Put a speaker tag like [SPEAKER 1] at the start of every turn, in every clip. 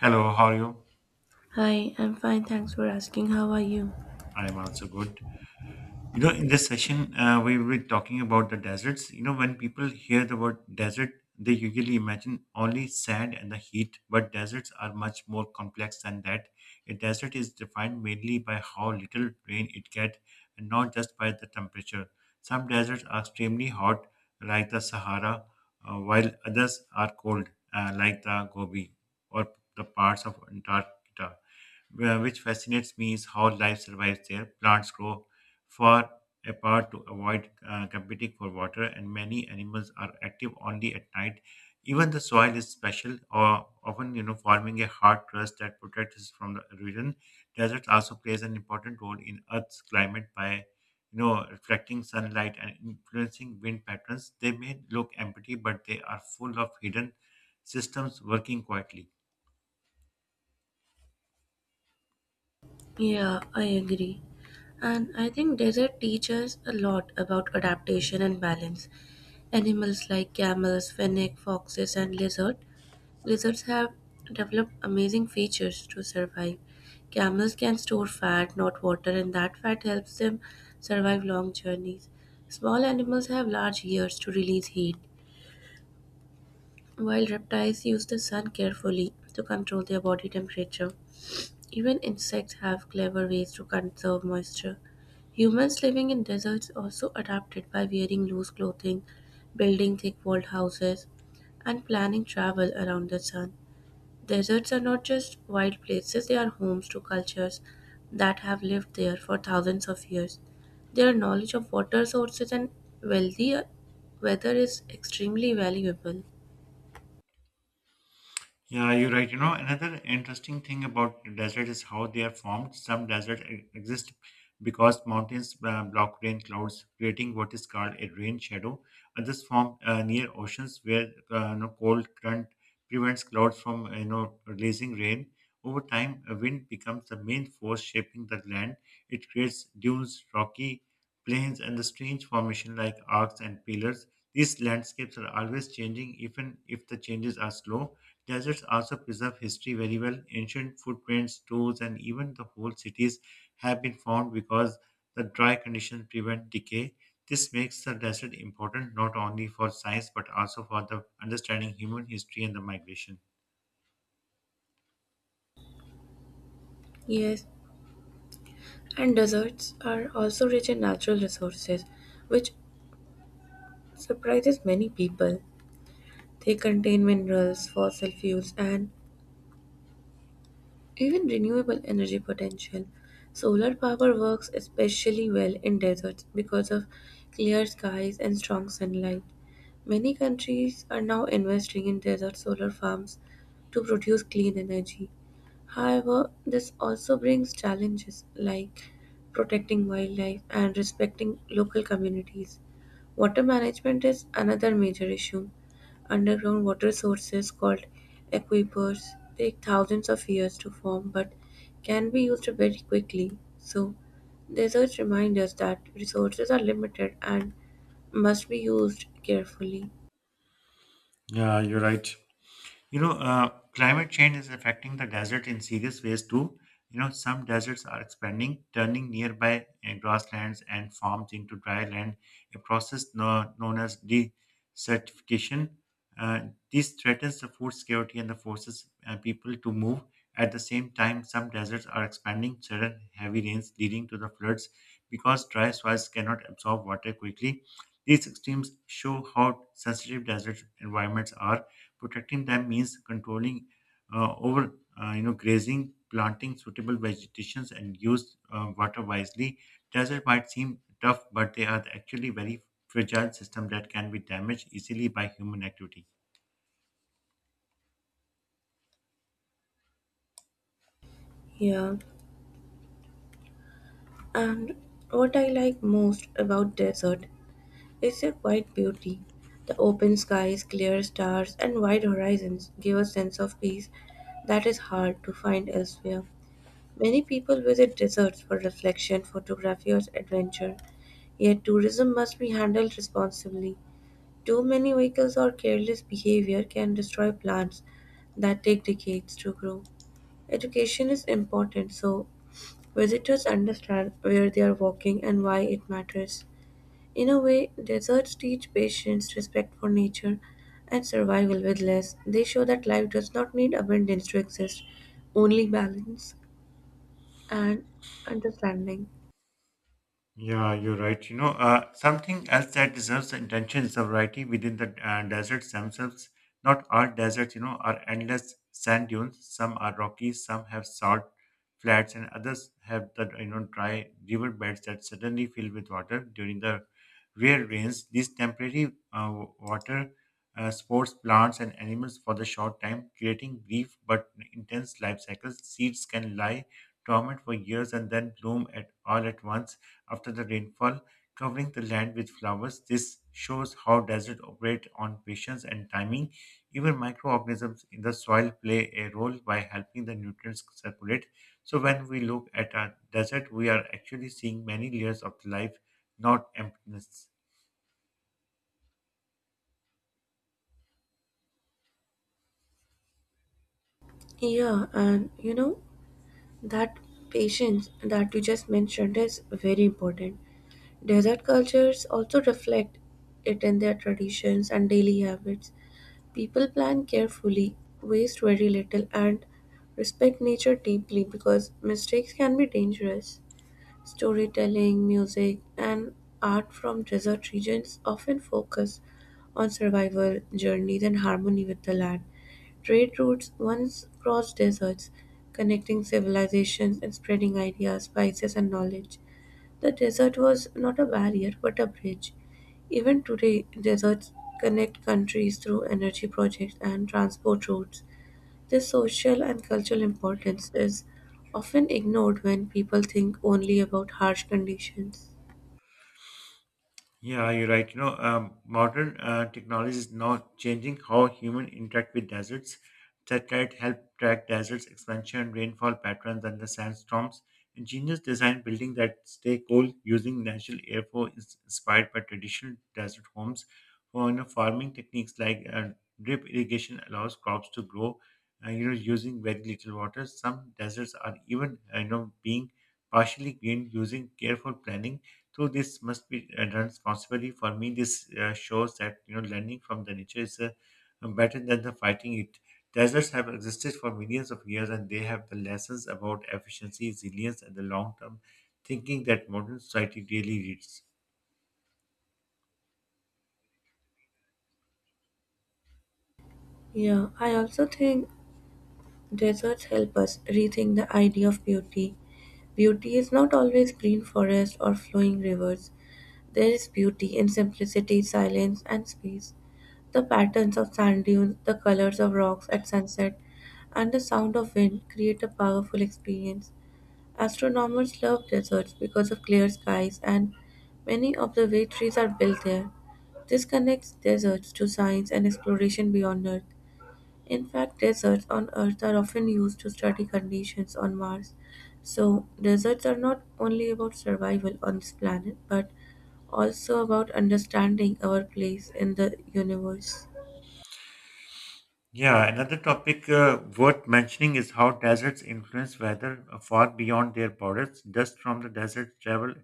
[SPEAKER 1] Hello, how are you?
[SPEAKER 2] Hi, I'm fine. Thanks for asking. How are you?
[SPEAKER 1] I am also good. In this session, we will be talking about the deserts. You know, when people hear the word desert, they usually imagine only sand and the heat, but deserts are much more complex than that. A desert is defined mainly by how little rain it gets and not just by the temperature. Some deserts are extremely hot, like the Sahara, while others are cold, like the Gobi or the parts of Antarctica. Which fascinates me is how life survives there. Plants grow far apart to avoid competing for water, and many animals are active only at night. Even the soil is special, or often forming a hard crust that protects us from the erosion. Desert also plays an important role in Earth's climate by reflecting sunlight and influencing wind patterns. They may look empty, but they are full of hidden systems working quietly.
[SPEAKER 2] Yeah, I agree. And I think desert teaches a lot about adaptation and balance. Animals like camels, fennec, foxes, and lizard. Lizards have developed amazing features to survive. Camels can store fat, not water, and that fat helps them survive long journeys. Small animals have large ears to release heat, while reptiles use the sun carefully to control their body temperature. Even insects have clever ways to conserve moisture. Humans living in deserts also adapted by wearing loose clothing, building thick walled houses, and planning travel around the sun. Deserts are not just wild places, they are homes to cultures that have lived there for thousands of years. Their knowledge of water sources and wealthy weather is extremely valuable.
[SPEAKER 1] Yeah, you're right. You know, another interesting thing about the desert is how they are formed. Some deserts exist because mountains block rain clouds, creating what is called a rain shadow. Others form near oceans where you know, cold current prevents clouds from releasing rain. Over time, a wind becomes the main force shaping the land. It creates dunes, rocky plains, and the strange formation like arcs and pillars. These landscapes are always changing, even if the changes are slow. Deserts also preserve history very well. Ancient footprints, tools, and even the whole cities have been found because the dry conditions prevent decay. This makes the desert important not only for science but also for the understanding human history and the migration.
[SPEAKER 2] Yes, and deserts are also rich in natural resources, which surprises many people. They contain minerals, fossil fuels, and even renewable energy potential. Solar power works especially well in deserts because of clear skies and strong sunlight. Many countries are now investing in desert solar farms to produce clean energy. However, this also brings challenges like protecting wildlife and respecting local communities. Water management is another major issue. Underground water sources called aquifers take thousands of years to form but can be used very quickly. So, deserts remind us that resources are limited and must be used carefully.
[SPEAKER 1] Yeah, you're right. Climate change is affecting the desert in serious ways too. You know, some deserts are expanding, turning nearby grasslands and farms into dry land, a process no, known as desertification. Uh, this threatens the food security and the forces people to move. At the same time, some deserts are expanding, sudden heavy rains leading to the floods because dry soils cannot absorb water quickly. These extremes show how sensitive desert environments are. Protecting them means controlling over grazing, planting suitable vegetations, and use water wisely. Desert might seem tough, but they are actually very fragile system that can be damaged easily by human activity.
[SPEAKER 2] Yeah. And what I like most about desert is their quiet beauty. The open skies, clear stars, and wide horizons give a sense of peace that is hard to find elsewhere. Many people visit deserts for reflection, photography, or adventure, yet tourism must be handled responsibly. Too many vehicles or careless behavior can destroy plants that take decades to grow. Education is important so visitors understand where they are walking and why it matters. In a way, deserts teach patience, respect for nature, and survival with less. They show that life does not need abundance to exist, only balance and understanding.
[SPEAKER 1] Yeah, you're right. Something else that deserves the attention is the variety within the deserts themselves. Not all deserts, you know, are endless sand dunes. Some are rocky, some have salt flats, and others have the dry river beds that suddenly fill with water during the rare rains. These temporary water sports plants and animals for the short time, creating brief but intense life cycles. Seeds can lie dormant for years and then bloom at all at once after the rainfall, covering the land with flowers. This shows how desert operate on patience and timing. Even microorganisms in the soil play a role by helping the nutrients circulate. So when we look at a desert, we are actually seeing many layers of life, not emptiness.
[SPEAKER 2] Yeah, and you know, that patience that you just mentioned is very important. Desert cultures also reflect it in their traditions and daily habits. People plan carefully, waste very little, and respect nature deeply because mistakes can be dangerous. Storytelling, music, and art from desert regions often focus on survival journeys and harmony with the land. Trade routes once crossed deserts, connecting civilizations and spreading ideas, spices, and knowledge. The desert was not a barrier but a bridge. Even today, deserts connect countries through energy projects and transport routes. This social and cultural importance is often ignored when people think only about harsh conditions.
[SPEAKER 1] Yeah, you're right. Modern technology is now changing how human interact with deserts. Satellite help track deserts expansion, rainfall patterns, and the sandstorms. Ingenious design building that stay cool using natural airflow is inspired by traditional desert homes. For you know, farming techniques like drip irrigation allows crops to grow, you know, using very little water. Some deserts are even, you know, being partially green using careful planning so this must be done responsibly. For me, this shows that you know learning from the nature is better than the fighting it. Deserts have existed for millions of years, and they have the lessons about efficiency, resilience, and the long-term thinking that modern society really needs.
[SPEAKER 2] Yeah, I also think deserts help us rethink the idea of beauty. Beauty is not always green forests or flowing rivers. There is beauty in simplicity, silence, and space. The patterns of sand dunes, the colors of rocks at sunset, and the sound of wind create a powerful experience. Astronomers love deserts because of clear skies, and many observatories are built there. This connects deserts to science and exploration beyond Earth. In fact, deserts on Earth are often used to study conditions on Mars. So, deserts are not only about survival on this planet, but also about understanding our place in the universe.
[SPEAKER 1] Yeah, another topic worth mentioning is how deserts influence weather far beyond their borders. Dust from the deserts travel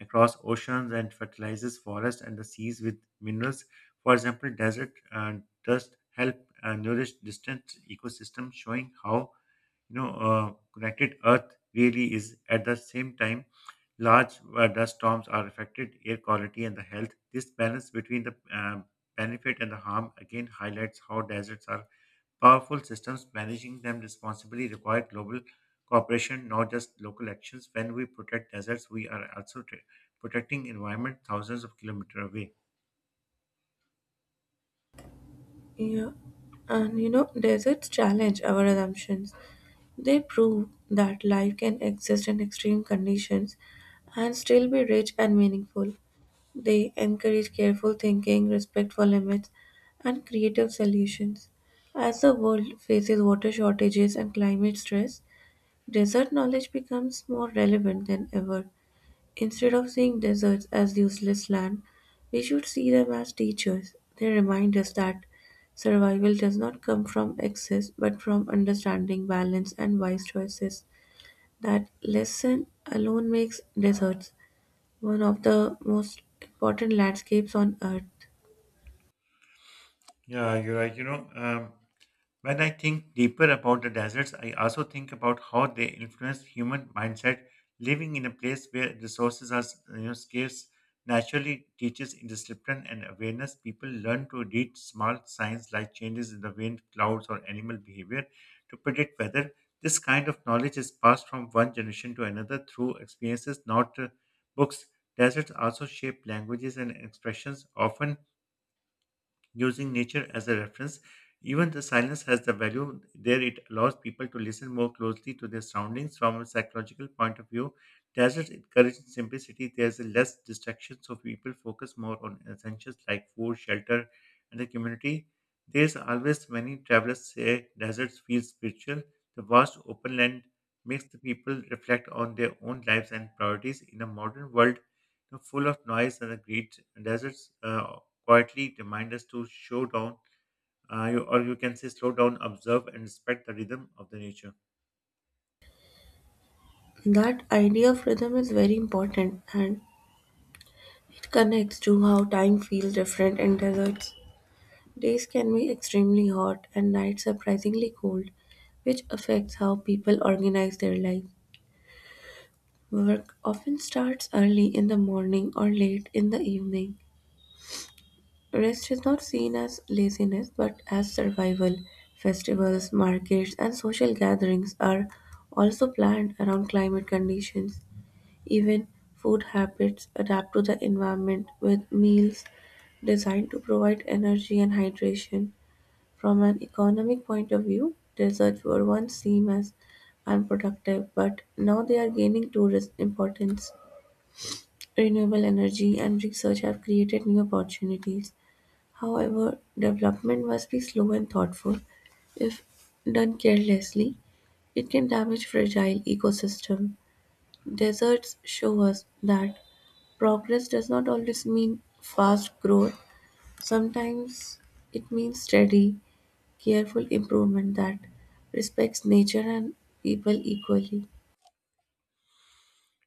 [SPEAKER 1] across oceans and fertilizes forests and the seas with minerals. For example, desert dust help nourish distant ecosystems, showing how connected Earth really is. At the same time, large dust storms are affected air quality and the health. This balance between the benefit and the harm again highlights how deserts are powerful systems managing them responsibly require global cooperation, not just local actions. When we protect deserts, we are also protecting environment thousands of kilometers away.
[SPEAKER 2] Yeah, and you know, deserts challenge our assumptions. They prove that life can exist in extreme conditions and still be rich and meaningful. They encourage careful thinking, respect for limits, and creative solutions. As the world faces water shortages and climate stress, desert knowledge becomes more relevant than ever. Instead of seeing deserts as useless land, we should see them as teachers. They remind us that survival does not come from excess, but from understanding balance and wise choices. That lesson alone makes deserts one of the most important landscapes on earth.
[SPEAKER 1] Yeah, you're right. When I think deeper about the deserts, I also think about how they influence human mindset. Living in a place where resources are scarce naturally teaches discipline and awareness. People learn to read small signs like changes in the wind, clouds, or animal behavior to predict weather. This kind of knowledge is passed from one generation to another through experiences, not books. Deserts also shape languages and expressions, often using nature as a reference. Even the silence has the value there, it allows people to listen more closely to their surroundings from a psychological point of view. Deserts encourage simplicity, there's a less distraction, so people focus more on essentials like food, shelter, and the community. There's always many travelers say deserts feel spiritual. The vast open land makes the people reflect on their own lives and priorities in a modern world full of noise and the greed. Deserts quietly remind us to show down, or you can say slow down, observe, and respect the rhythm of the nature.
[SPEAKER 2] That idea of rhythm is very important and it connects to how time feels different in deserts. Days can be extremely hot and nights surprisingly cold, which affects how people organize their life. Work often starts early in the morning or late in the evening. Rest is not seen as laziness but as survival. Festivals, markets, and social gatherings are also planned around climate conditions. Even food habits adapt to the environment with meals designed to provide energy and hydration. From an economic point of view, deserts were once seen as unproductive, but now they are gaining tourist importance. Renewable energy and research have created new opportunities. However, development must be slow and thoughtful. If done carelessly, it can damage fragile ecosystem. Deserts show us that progress does not always mean fast growth. Sometimes it means steady, careful improvement that respects nature and people equally.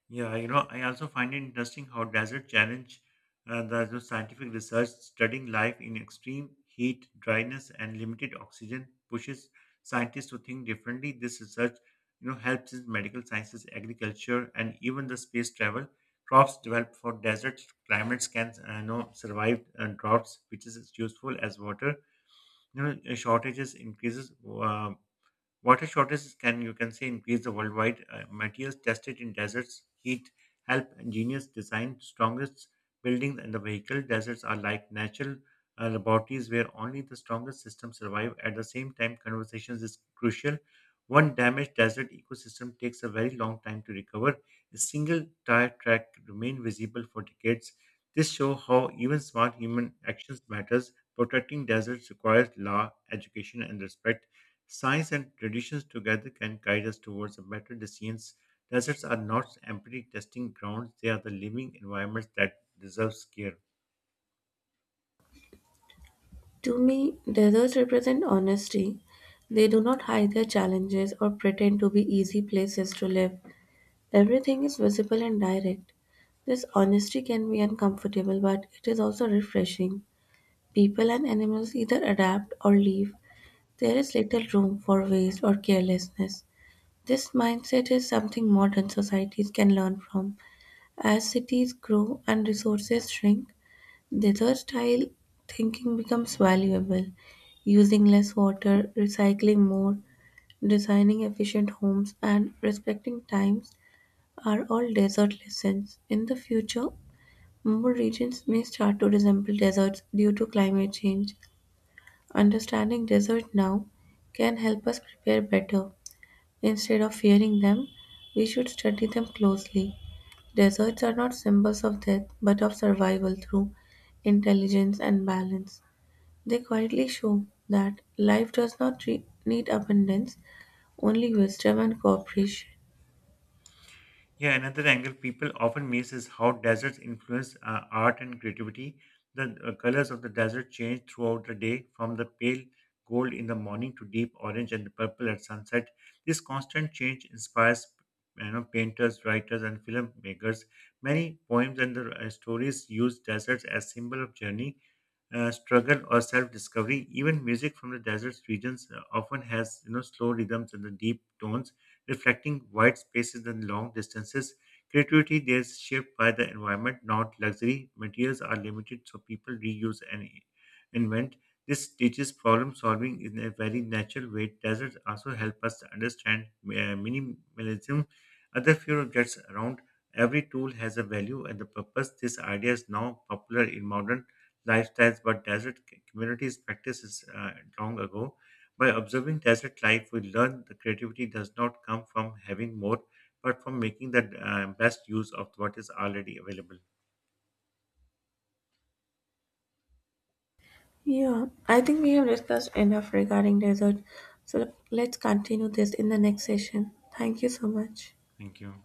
[SPEAKER 1] Yeah, you know, I also find it interesting how desert challenge the scientific research studying life in extreme heat, dryness, and limited oxygen pushes scientists to think differently. This research, you know, helps in medical sciences, agriculture, and even the space travel. Crops developed for desert climates can, you know, survive droughts, which is useful as water shortages increases water shortages can, you can say, increase the worldwide materials tested in deserts. Heat help ingenious design strongest buildings and the vehicle. Deserts are like natural laboratories where only the strongest systems survive. At the same time, conversations is crucial. One damaged desert ecosystem takes a very long time to recover. A single tire track remain visible for decades. This show how even smart human actions matters. Protecting deserts requires law, education, and respect. Science and traditions together can guide us towards a better decisions. Deserts are not empty testing grounds, they are the living environments that deserve care.
[SPEAKER 2] To me, deserts represent honesty. They do not hide their challenges or pretend to be easy places to live. Everything is visible and direct. This honesty can be uncomfortable, but it is also refreshing. People and animals either adapt or leave. There is little room for waste or carelessness. This mindset is something modern societies can learn from. As cities grow and resources shrink, desert-style thinking becomes valuable, using less water, recycling more, designing efficient homes, and respecting times are all desert lessons. In the future, more regions may start to resemble deserts due to climate change. Understanding desert now can help us prepare better. Instead of fearing them, we should study them closely. Deserts are not symbols of death but of survival through intelligence and balance. They quietly show that life does not need abundance, only wisdom and cooperation.
[SPEAKER 1] Yeah, another angle people often miss is how deserts influence art and creativity. The colors of the desert change throughout the day, from the pale gold in the morning to deep orange and purple at sunset. This constant change inspires painters, writers, and filmmakers. Many poems and the, stories use deserts as symbol of journey, struggle, or self-discovery. Even music from the desert regions often has slow rhythms and the deep tones reflecting wide spaces and long distances. Creativity there is shaped by the environment, not luxury. Materials are limited, so people reuse and invent. This teaches problem solving in a very natural way. Deserts also help us to understand minimalism. Other few objects around every tool has a value and a purpose. This idea is now popular in modern lifestyles, but desert communities practices long ago. By observing desert life, we learn that creativity does not come from having more, but from making the best use of what is already available.
[SPEAKER 2] Yeah, I think we have discussed enough regarding desert. So let's continue this in the next session. Thank you so much.
[SPEAKER 1] Thank you.